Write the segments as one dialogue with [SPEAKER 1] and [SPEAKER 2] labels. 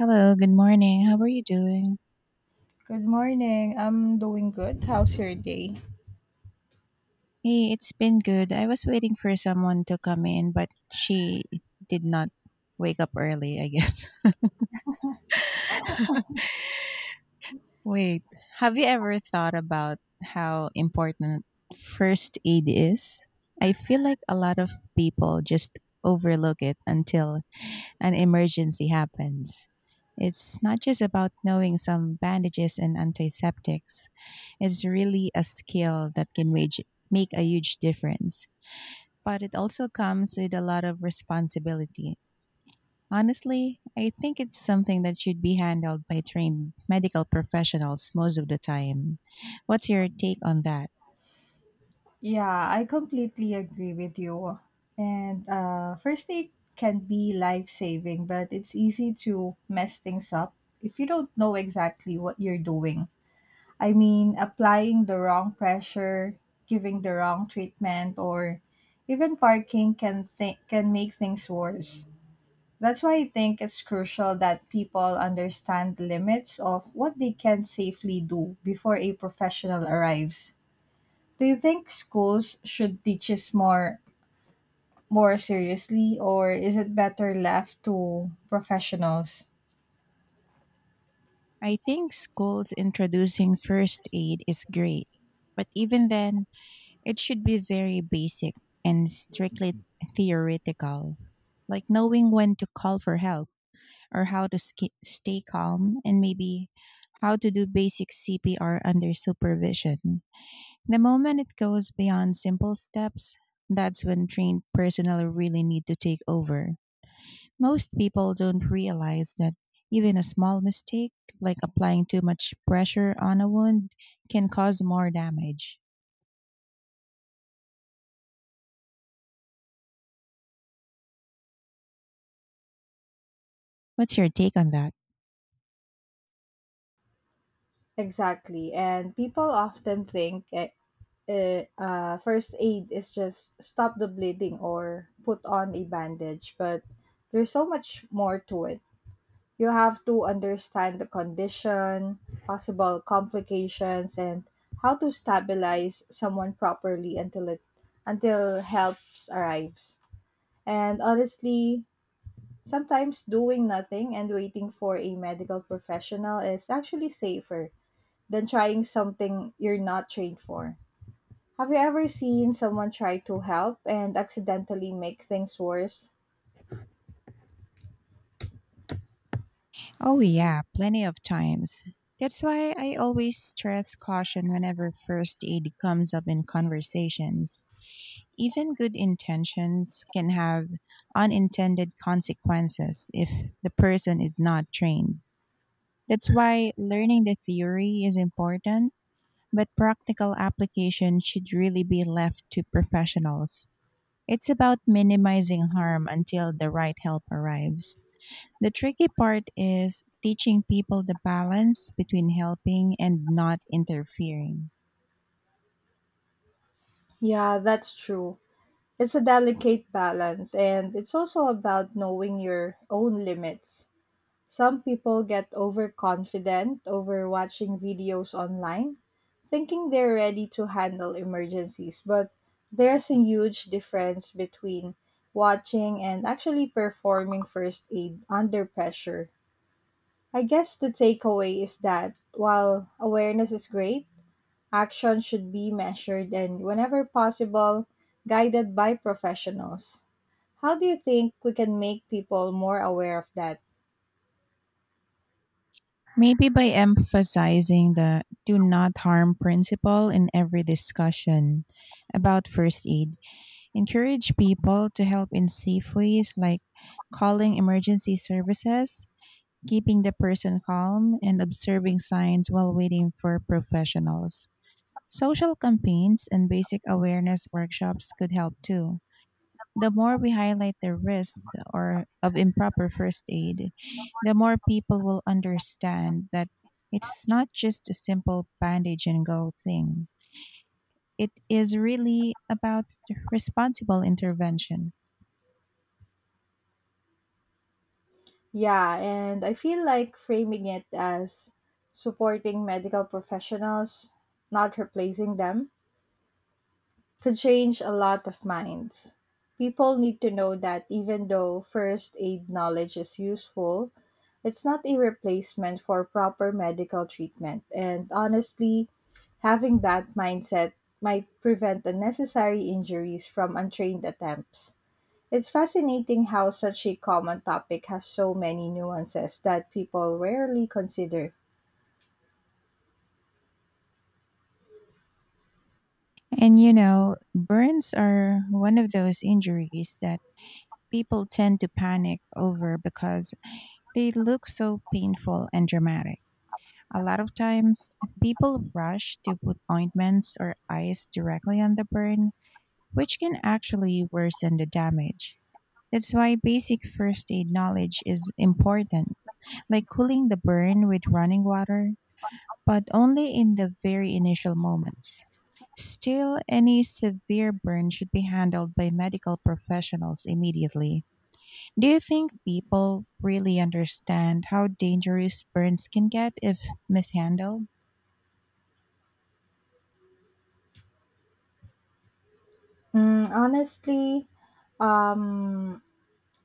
[SPEAKER 1] Hello, good morning. How are you doing?
[SPEAKER 2] Good morning. I'm doing good. How's your day?
[SPEAKER 1] Hey, it's been good. I was waiting for someone to come in, but she did not wake up early, I guess. Wait, have you ever thought about how important first aid is? I feel like a lot of people just overlook it until an emergency happens. It's not just about knowing some bandages and antiseptics. It's really a skill that can wage, make a huge difference. But it also comes with a lot of responsibility. Honestly, I think it's something that should be handled by trained medical professionals most of the time. What's your take on that?
[SPEAKER 2] Yeah, I completely agree with you. And First aid can be life saving, but it's easy to mess things up if you don't know exactly what you're doing. I mean, applying the wrong pressure, giving the wrong treatment, or even parking can make things worse. That's why I think it's crucial that people understand the limits of what they can safely do before a professional arrives. Do you think schools should teach us more seriously, or is it better left to professionals?
[SPEAKER 1] I think schools introducing first aid is great, but even then, it should be very basic and strictly theoretical, like knowing when to call for help or how to stay calm and maybe how to do basic CPR under supervision. The moment it goes beyond simple steps, that's when trained personnel really need to take over. Most people don't realize that even a small mistake, like applying too much pressure on a wound, can cause more damage. What's your take on that?
[SPEAKER 2] Exactly. And people often think first aid is just stop the bleeding or put on a bandage, but there's so much more to it. You have to understand the condition, possible complications, and how to stabilize someone properly until help arrives. And honestly, sometimes doing nothing and waiting for a medical professional is actually safer than trying something you're not trained for. Have you ever seen someone try to help and accidentally make things worse?
[SPEAKER 1] Oh, yeah, plenty of times. That's why I always stress caution whenever first aid comes up in conversations. Even good intentions can have unintended consequences if the person is not trained. That's why learning the theory is important, but practical application should really be left to professionals. It's about minimizing harm until the right help arrives. The tricky part is teaching people the balance between helping and not interfering.
[SPEAKER 2] Yeah, that's true. It's a delicate balance, and it's also about knowing your own limits. Some people get overconfident over watching videos online, thinking they're ready to handle emergencies, but there's a huge difference between watching and actually performing first aid under pressure. I guess the takeaway is that while awareness is great, action should be measured and, whenever possible, guided by professionals. How do you think we can make people more aware of that?
[SPEAKER 1] Maybe by emphasizing the do not harm principle in every discussion about first aid, encourage people to help in safe ways like calling emergency services, keeping the person calm, and observing signs while waiting for professionals. Social campaigns and basic awareness workshops could help too. The more we highlight the risks or of improper first aid, the more people will understand that it's not just a simple bandage and go thing. It is really about responsible intervention.
[SPEAKER 2] Yeah, and I feel like framing it as supporting medical professionals, not replacing them, could change a lot of minds. People need to know that even though first aid knowledge is useful, it's not a replacement for proper medical treatment. And honestly, having that mindset might prevent unnecessary injuries from untrained attempts. It's fascinating how such a common topic has so many nuances that people rarely consider.
[SPEAKER 1] And you know, burns are one of those injuries that people tend to panic over because they look so painful and dramatic. A lot of times, people rush to put ointments or ice directly on the burn, which can actually worsen the damage. That's why basic first aid knowledge is important, like cooling the burn with running water, but only in the very initial moments. Still, any severe burn should be handled by medical professionals immediately. Do you think people really understand how dangerous burns can get if mishandled?
[SPEAKER 2] Mm, honestly, um,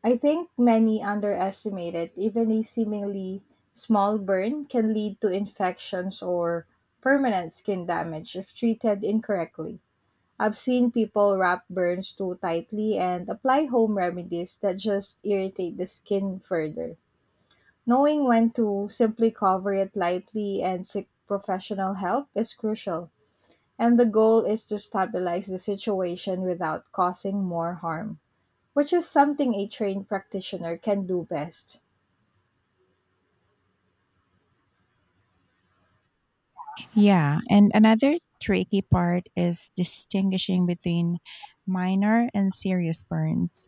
[SPEAKER 2] I think many underestimate it. Even a seemingly small burn can lead to infections or permanent skin damage if treated incorrectly. I've seen people wrap burns too tightly and apply home remedies that just irritate the skin further. Knowing when to simply cover it lightly and seek professional help is crucial, and the goal is to stabilize the situation without causing more harm, which is something a trained practitioner can do best.
[SPEAKER 1] Yeah, and another tricky part is distinguishing between minor and serious burns.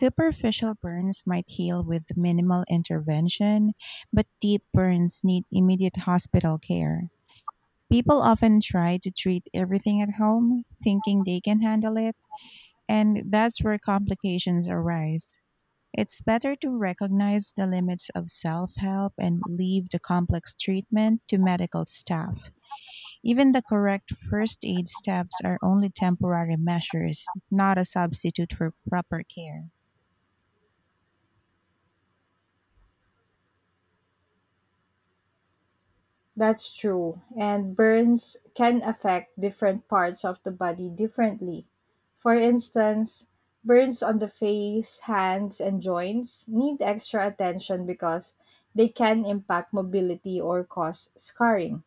[SPEAKER 1] Superficial burns might heal with minimal intervention, but deep burns need immediate hospital care. People often try to treat everything at home, thinking they can handle it, and that's where complications arise. It's better to recognize the limits of self help and leave the complex treatment to medical staff. Even the correct first aid steps are only temporary measures, not a substitute for proper care.
[SPEAKER 2] That's true, and burns can affect different parts of the body differently. For instance, burns on the face, hands, and joints need extra attention because they can impact mobility or cause scarring.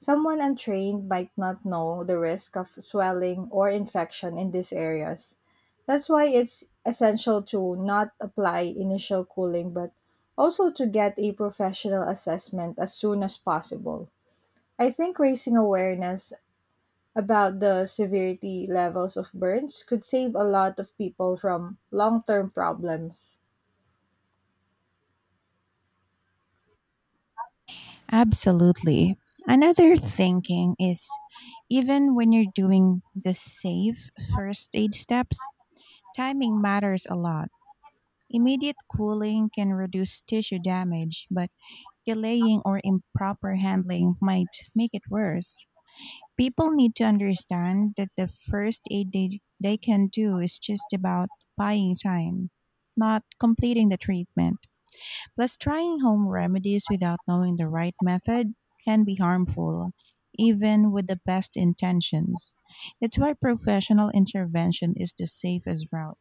[SPEAKER 2] Someone untrained might not know the risk of swelling or infection in these areas. That's why it's essential to not apply initial cooling but also to get a professional assessment as soon as possible. I think raising awareness about the severity levels of burns could save a lot of people from long term problems.
[SPEAKER 1] Absolutely. Another thinking is even when you're doing the safe first aid steps, timing matters a lot. Immediate cooling can reduce tissue damage, but delaying or improper handling might make it worse. People need to understand that the first aid they can do is just about buying time, not completing the treatment. Plus, trying home remedies without knowing the right method can be harmful, even with the best intentions. That's why professional intervention is the safest route.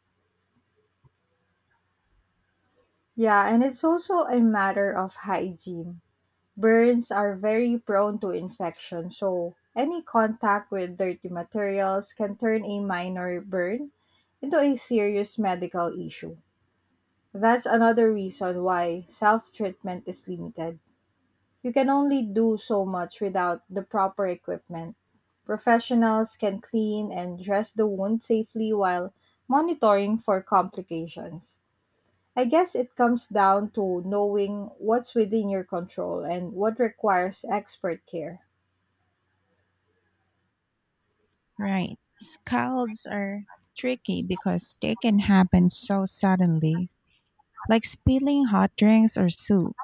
[SPEAKER 2] Yeah, and it's also a matter of hygiene. Burns are very prone to infection, so any contact with dirty materials can turn a minor burn into a serious medical issue. That's another reason why self treatment is limited. You can only do so much without the proper equipment. Professionals can clean and dress the wound safely while monitoring for complications. I guess it comes down to knowing what's within your control and what requires expert care.
[SPEAKER 1] Right. Scalds are tricky because they can happen so suddenly, like spilling hot drinks or soup.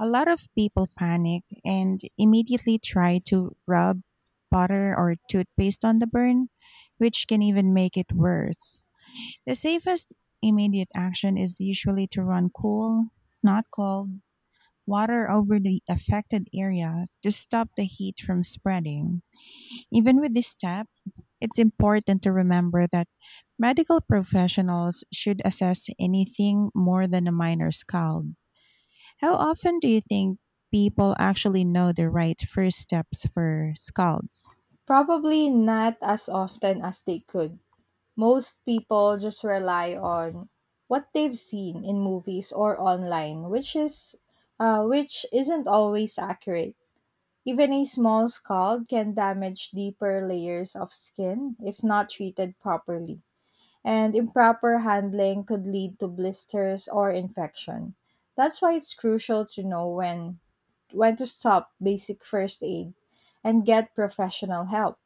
[SPEAKER 1] A lot of people panic and immediately try to rub butter or toothpaste on the burn, which can even make it worse. The safest immediate action is usually to run cool, not cold, water over the affected area to stop the heat from spreading. Even with this step, it's important to remember that medical professionals should assess anything more than a minor scald. How often do you think people actually know the right first steps for scalds?
[SPEAKER 2] Probably not as often as they could. Most people just rely on what they've seen in movies or online, which is which isn't always accurate. Even a small scald can damage deeper layers of skin if not treated properly, and improper handling could lead to blisters or infection. That's why it's crucial to know when to stop basic first aid and get professional help.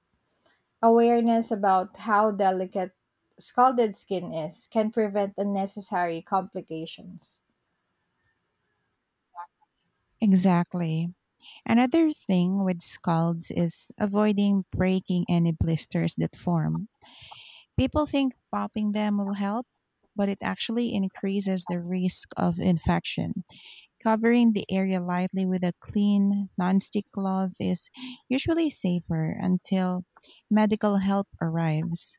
[SPEAKER 2] Awareness about how delicate scalded skin is can prevent unnecessary complications.
[SPEAKER 1] Exactly. Another thing with scalds is avoiding breaking any blisters that form. People think popping them will help, but it actually increases the risk of infection. Covering the area lightly with a clean, nonstick cloth is usually safer until medical help arrives.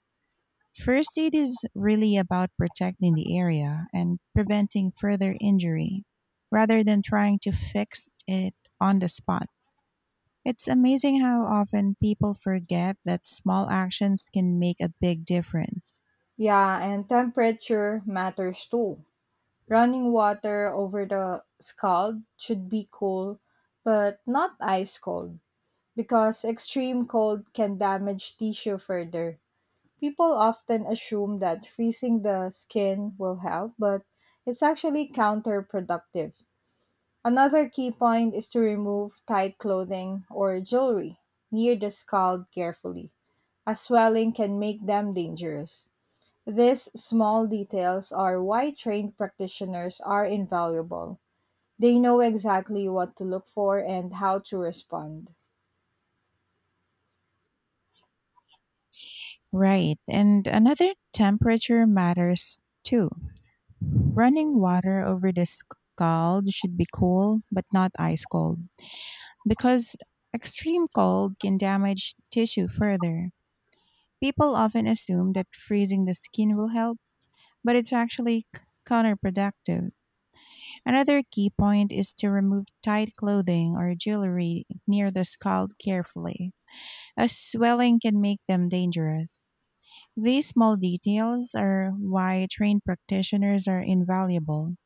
[SPEAKER 1] First aid is really about protecting the area and preventing further injury rather than trying to fix it on the spot. It's amazing how often people forget that small actions can make a big difference.
[SPEAKER 2] Yeah, and temperature matters too. Running water over the scald should be cool, but not ice cold, because extreme cold can damage tissue further. People often assume that freezing the skin will help, but it's actually counterproductive. Another key point is to remove tight clothing or jewelry near the scald carefully, as swelling can make them dangerous. These small details are why trained practitioners are invaluable. They know exactly what to look for and how to respond.
[SPEAKER 1] Right. And another temperature matters too. Running water over the scald should be cool, but not ice cold, because extreme cold can damage tissue further. People often assume that freezing the skin will help, but it's actually counterproductive. Another key point is to remove tight clothing or jewelry near the scald carefully, as swelling can make them dangerous. These small details are why trained practitioners are invaluable.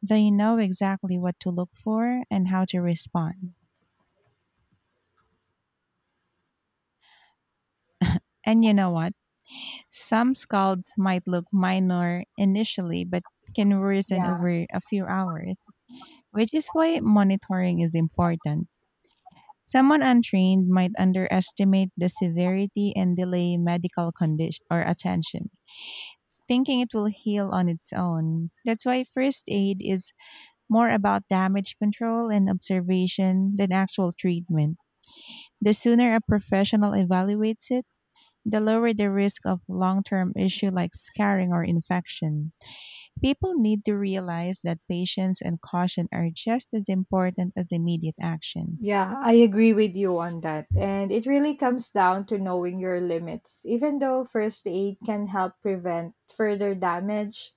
[SPEAKER 1] They know exactly what to look for and how to respond. And you know what? Some scalds might look minor initially, but can worsen
[SPEAKER 2] Yeah.
[SPEAKER 1] over a few hours, which is why monitoring is important. Someone untrained might underestimate the severity and delay medical condition or attention, thinking it will heal on its own. That's why first aid is more about damage control and observation than actual treatment. The sooner a professional evaluates it, the lower the risk of long term issue like scarring or infection. People need to realize that patience and caution are just as important as immediate action.
[SPEAKER 2] Yeah, I agree with you on that. And it really comes down to knowing your limits. Even though first aid can help prevent further damage,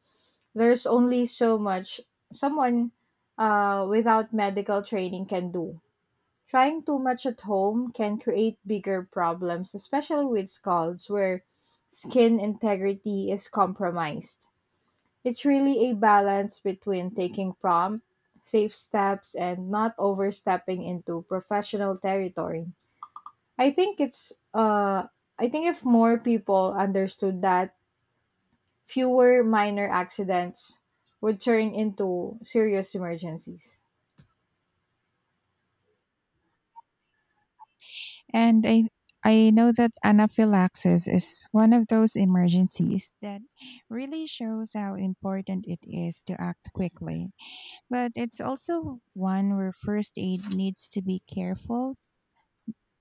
[SPEAKER 2] there's only so much someone without medical training can do. Trying too much at home can create bigger problems, especially with scalds where skin integrity is compromised. It's really a balance between taking prompt, safe steps and not overstepping into professional territory. I think it's uh I think if more people understood that, fewer minor accidents would turn into serious emergencies.
[SPEAKER 1] And I know that anaphylaxis is one of those emergencies that really shows how important it is to act quickly. But it's also one where first aid needs to be careful.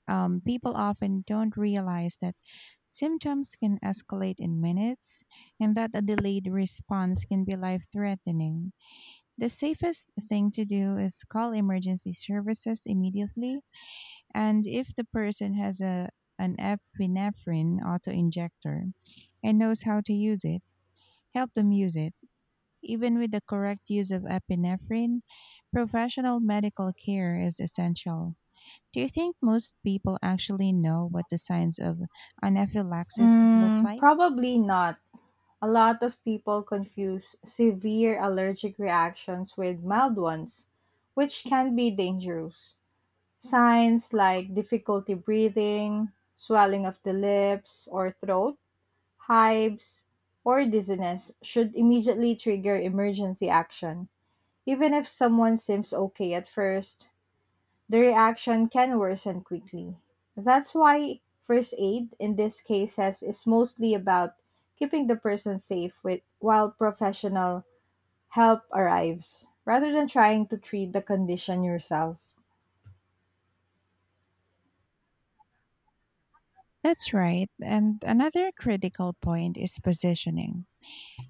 [SPEAKER 1] People often don't realize that symptoms can escalate in minutes and that a delayed response can be life threatening. The safest thing to do is call emergency services immediately, and if the person has a an epinephrine autoinjector and knows how to use it, help them use it. Even with the correct use of epinephrine, professional medical care is essential. Do you think most people actually know what the signs of anaphylaxis look
[SPEAKER 2] Mm,
[SPEAKER 1] like?
[SPEAKER 2] probably not. A lot of people confuse severe allergic reactions with mild ones, which can be dangerous. Signs like difficulty breathing, swelling of the lips or throat, hives, or dizziness should immediately trigger emergency action. Even if someone seems okay at first, the reaction can worsen quickly. That's why first aid in these cases is mostly about keeping the person safe with, while professional help arrives, rather than trying to treat the condition yourself.
[SPEAKER 1] That's right. And another critical point is positioning.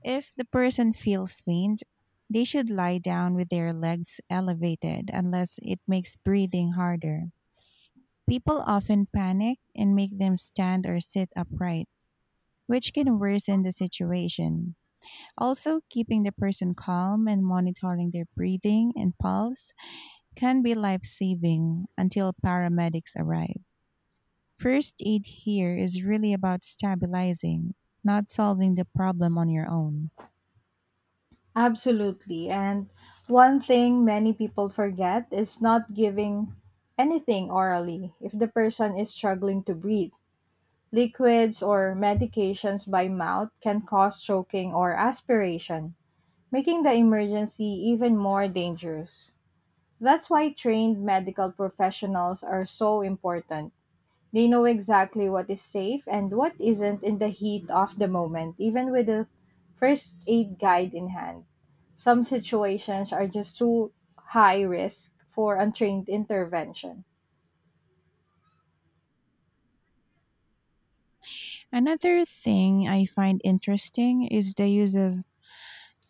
[SPEAKER 1] If the person feels faint, they should lie down with their legs elevated unless it makes breathing harder. People often panic and make them stand or sit upright, which can worsen the situation. Also, keeping the person calm and monitoring their breathing and pulse can be life saving until paramedics arrive. First aid here is really about stabilizing, not solving the problem on your own.
[SPEAKER 2] Absolutely. And one thing many people forget is not giving anything orally if the person is struggling to breathe. Liquids or medications by mouth can cause choking or aspiration, making the emergency even more dangerous. That's why trained medical professionals are so important. They know exactly what is safe and what isn't in the heat of the moment, even with a first aid guide in hand. Some situations are just too high risk for untrained intervention.
[SPEAKER 1] Another thing I find interesting is the use of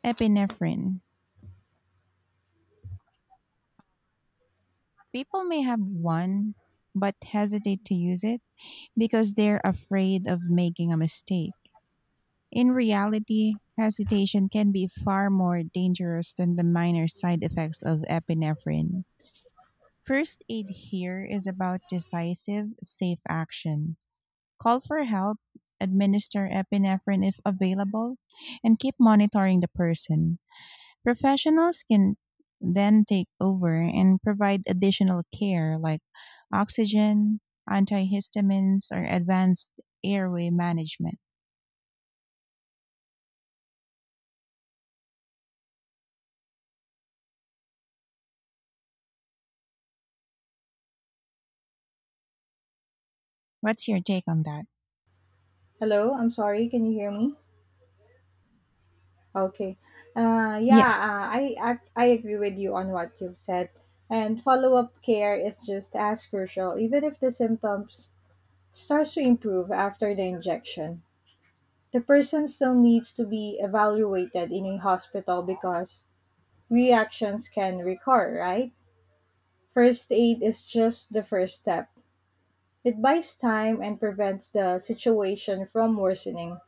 [SPEAKER 1] epinephrine. People may have one but hesitate to use it because they're afraid of making a mistake. In reality, hesitation can be far more dangerous than the minor side effects of epinephrine. First aid here is about decisive, safe action. Call for help, administer epinephrine if available, and keep monitoring the person. Professionals can then take over and provide additional care like oxygen, antihistamines, or advanced airway management. What's your take on that?
[SPEAKER 2] Hello, I'm sorry, can you hear me? Okay. Uh, yeah,
[SPEAKER 1] Yes,
[SPEAKER 2] uh, I agree with you on what you've said. And follow-up care is just as crucial, even if the symptoms starts to improve after the injection. The person still needs to be evaluated in a hospital because reactions can recur, right? First aid is just the first step. It buys time and prevents the situation from worsening.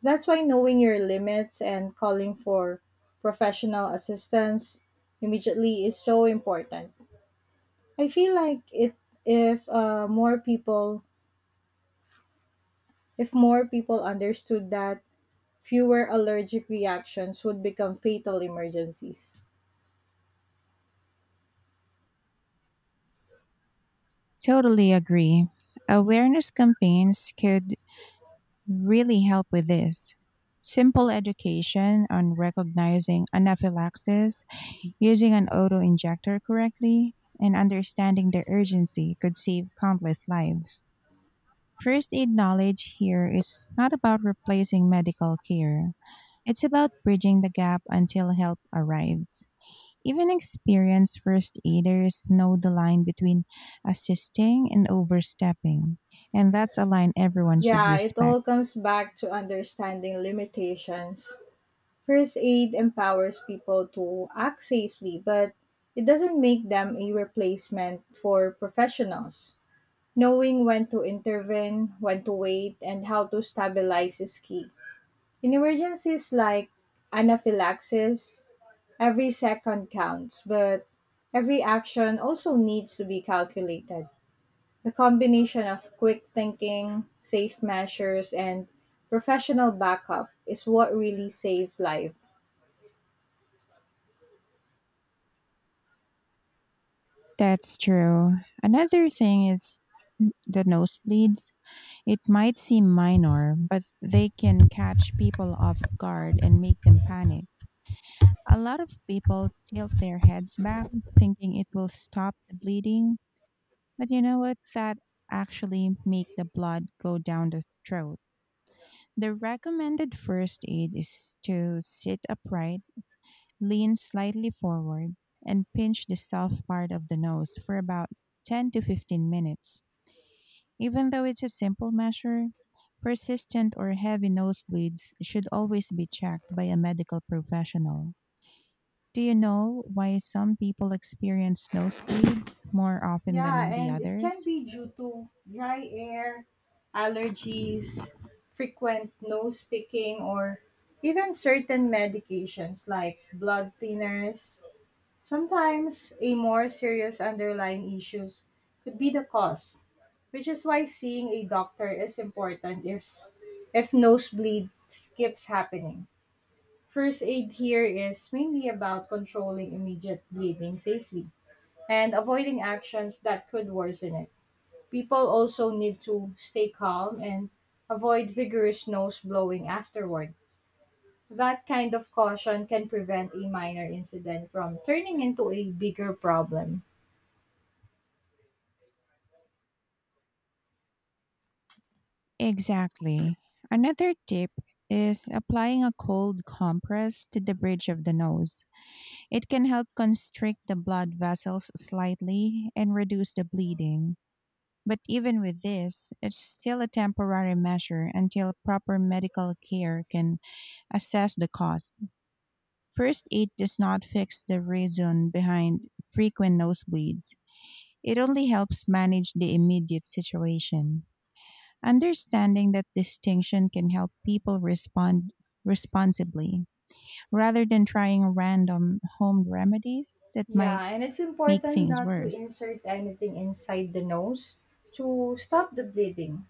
[SPEAKER 2] That's why knowing your limits and calling for professional assistance immediately is so important. I feel like it if more people If more people understood that, fewer allergic reactions would become fatal emergencies.
[SPEAKER 1] totally agree. Awareness campaigns could really help with this. Simple education on recognizing anaphylaxis, using an auto injector correctly, and understanding the urgency could save countless lives. First aid knowledge here is not about replacing medical care. It's about bridging the gap until help arrives. Even experienced first aiders know the line between assisting and overstepping, and that's a line everyone should
[SPEAKER 2] Yeah, it
[SPEAKER 1] respect.
[SPEAKER 2] all comes back to understanding limitations. First aid empowers people to act safely, but it doesn't make them a replacement for professionals. Knowing when to intervene, when to wait, and how to stabilize is key. In emergencies like anaphylaxis, every second counts, but every action also needs to be calculated. The combination of quick thinking, safe measures, and professional backup is what really saved life.
[SPEAKER 1] That's true. Another thing is the nosebleeds. It might seem minor, but they can catch people off guard and make them panic. A lot of people tilt their heads back thinking it will stop the bleeding, but you know what? That actually make the blood go down the throat. The recommended first aid is to sit upright, lean slightly forward, and pinch the soft part of the nose for about 10 to 15 minutes. Even though it's a simple measure, persistent or heavy nosebleeds should always be checked by a medical professional. Do you know why some people experience nosebleeds more often
[SPEAKER 2] Yeah,
[SPEAKER 1] than the
[SPEAKER 2] and it can
[SPEAKER 1] others?
[SPEAKER 2] be due to dry air, allergies, frequent nose picking, or even certain medications like blood thinners. Sometimes a more serious underlying issues could be the cause, which is why seeing a doctor is important if nosebleed keeps happening. First aid here is mainly about controlling immediate bleeding safely and avoiding actions that could worsen it. People also need to stay calm and avoid vigorous nose blowing afterward. That kind of caution can prevent a minor incident from turning into a bigger problem.
[SPEAKER 1] Exactly. Another tip is applying a cold compress to the bridge of the nose. It can help constrict the blood vessels slightly and reduce the bleeding. But even with this, it's still a temporary measure until proper medical care can assess the cause. First aid does not fix the reason behind frequent nosebleeds. It only helps manage the immediate situation. Understanding that distinction can help people respond responsibly rather than trying random home remedies that
[SPEAKER 2] Yeah,
[SPEAKER 1] might
[SPEAKER 2] and it's
[SPEAKER 1] make
[SPEAKER 2] important
[SPEAKER 1] things
[SPEAKER 2] not to
[SPEAKER 1] worse.
[SPEAKER 2] insert anything inside the nose to stop the bleeding.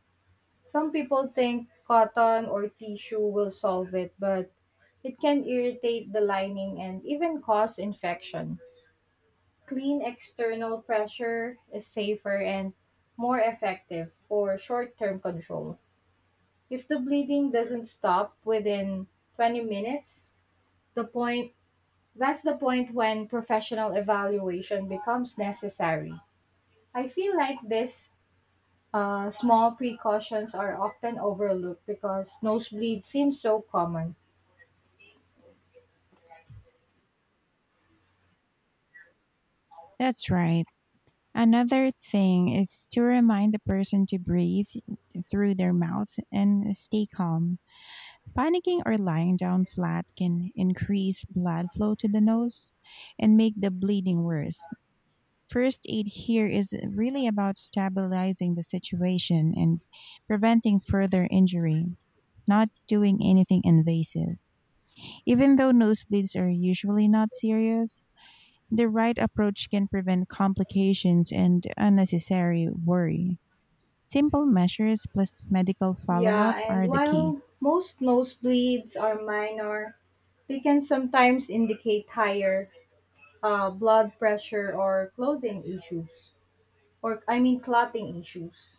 [SPEAKER 2] Some people think cotton or tissue will solve it, but it can irritate the lining and even cause infection. Clean external pressure is safer and more effective for short term control. If the bleeding doesn't stop within 20 minutes, the point that's the point when professional evaluation becomes necessary. I feel like these small precautions are often overlooked because nosebleed seems so common.
[SPEAKER 1] That's right. Another thing is to remind the person to breathe through their mouth and stay calm. Panicking or lying down flat can increase blood flow to the nose and make the bleeding worse. First aid here is really about stabilizing the situation and preventing further injury, not doing anything invasive. Even though nosebleeds are usually not serious, the right approach can prevent complications and unnecessary worry. Simple measures plus medical follow up
[SPEAKER 2] Yeah, and
[SPEAKER 1] are the key.
[SPEAKER 2] while most nosebleeds are minor, they can sometimes indicate higher blood pressure or clothing issues, or I mean clotting issues,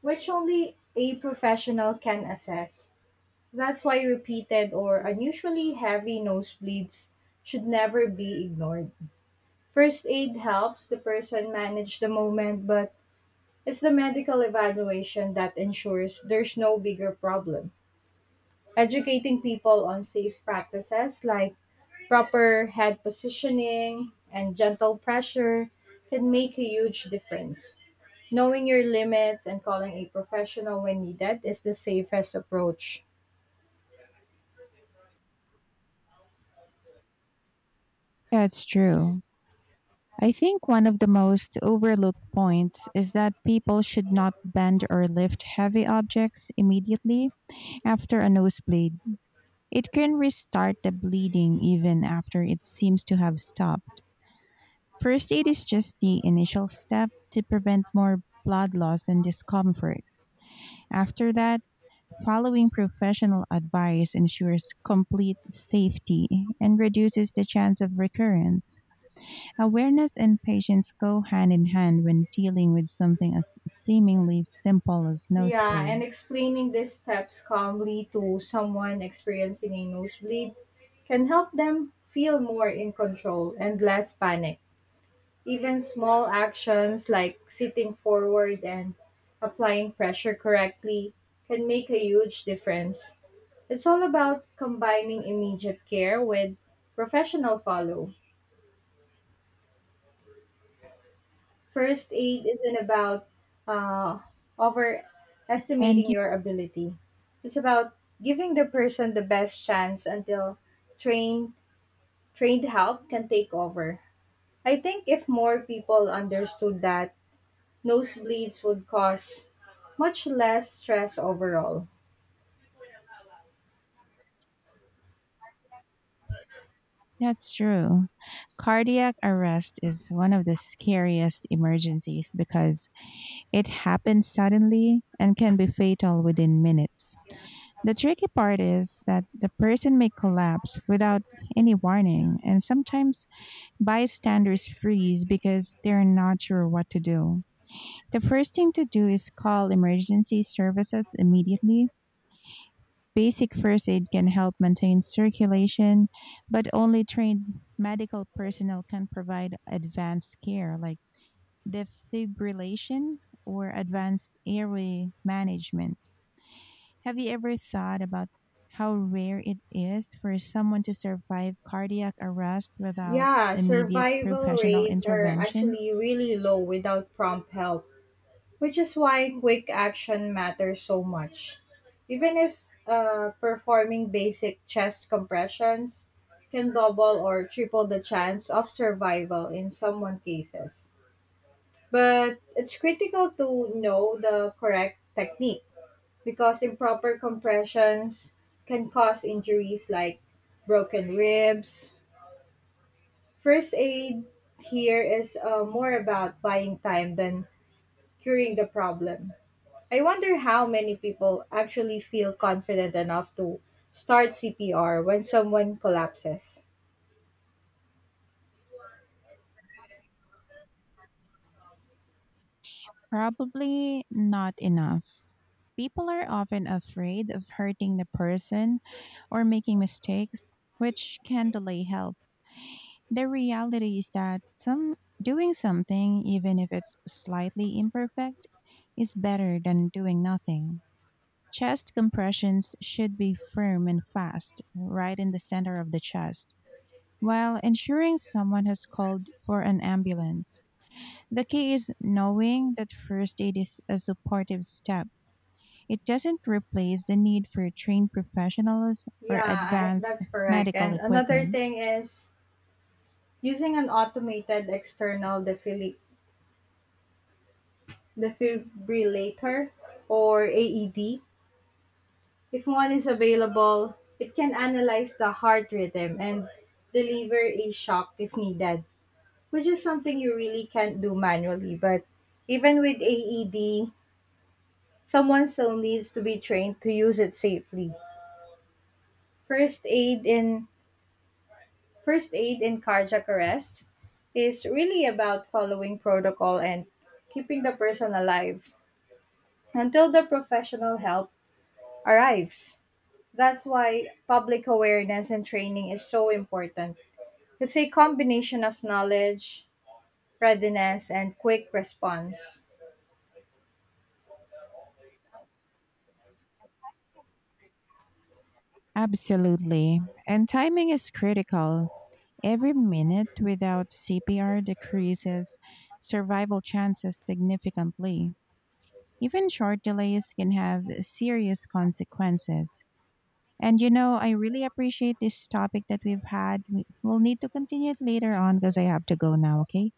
[SPEAKER 2] which only a professional can assess. That's why repeated or unusually heavy nosebleeds should never be ignored. First aid helps the person manage the moment, but it's the medical evaluation that ensures there's no bigger problem. Educating people on safe practices like proper head positioning and gentle pressure can make a huge difference. Knowing your limits and calling a professional when needed is the safest approach.
[SPEAKER 1] That's true. I think one of the most overlooked points is that people should not bend or lift heavy objects immediately after a nosebleed. It can restart the bleeding even after it seems to have stopped. First aid is just the initial step to prevent more blood loss and discomfort. After that, following professional advice ensures complete safety and reduces the chance of recurrence. Awareness and patience go hand in hand when dealing with something as seemingly simple as
[SPEAKER 2] Yeah, and
[SPEAKER 1] nosebleed.
[SPEAKER 2] explaining these steps calmly to someone experiencing a nosebleed can help them feel more in control and less panic. Even small actions like sitting forward and applying pressure correctly can make a huge difference. It's all about combining immediate care with professional follow. First aid isn't about uh,
[SPEAKER 1] And
[SPEAKER 2] overestimating your ability. It's about giving the person the best chance until trained trained help can take over. I think if more people understood that, nosebleeds would cause much less stress overall.
[SPEAKER 1] That's true. Cardiac arrest is one of the scariest emergencies because it happens suddenly and can be fatal within minutes. The tricky part is that the person may collapse without any warning, and sometimes bystanders freeze because they're not sure what to do. The first thing to do is call emergency services immediately. Basic first aid can help maintain circulation, but only trained medical personnel can provide advanced care like defibrillation or advanced airway management. Have you ever thought about how rare it is for someone to survive cardiac arrest without
[SPEAKER 2] Yeah,
[SPEAKER 1] immediate
[SPEAKER 2] survival
[SPEAKER 1] professional
[SPEAKER 2] rates are
[SPEAKER 1] intervention?
[SPEAKER 2] actually really low without prompt help, which is why quick action matters so much. Even if performing basic chest compressions can double or triple the chance of survival in someone cases. But it's critical to know the correct technique because improper compressions can cause injuries like broken ribs. First aid here is more about buying time than curing the problem. I wonder how many people actually feel confident enough to start CPR when someone collapses.
[SPEAKER 1] Probably not enough. People are often afraid of hurting the person or making mistakes, which can delay help. The reality is that some doing something, even if it's slightly imperfect, is better than doing nothing. Chest compressions should be firm and fast, right in the center of the chest, while ensuring someone has called for an ambulance. The key is knowing that first aid is a supportive step, it doesn't replace the need for trained professionals or
[SPEAKER 2] Yeah,
[SPEAKER 1] advanced
[SPEAKER 2] that's correct.
[SPEAKER 1] medical
[SPEAKER 2] And another
[SPEAKER 1] equipment.
[SPEAKER 2] thing is using an automated defibrillator, or AED. If one is available, it can analyze the heart rhythm and deliver a shock if needed, which is something you really can't do manually. But even with AED, someone still needs to be trained to use it safely. First aid in first aid in cardiac arrest is really about following protocol and keeping the person alive until the professional help arrives. That's why public awareness and training is so important. It's a combination of knowledge, readiness, and quick response.
[SPEAKER 1] Absolutely. And timing is critical. Every minute without CPR decreases survival chances significantly. Even short delays can have serious consequences. And you know, I really appreciate this topic that we've had. We'll need to continue it later on because I have to go now, okay?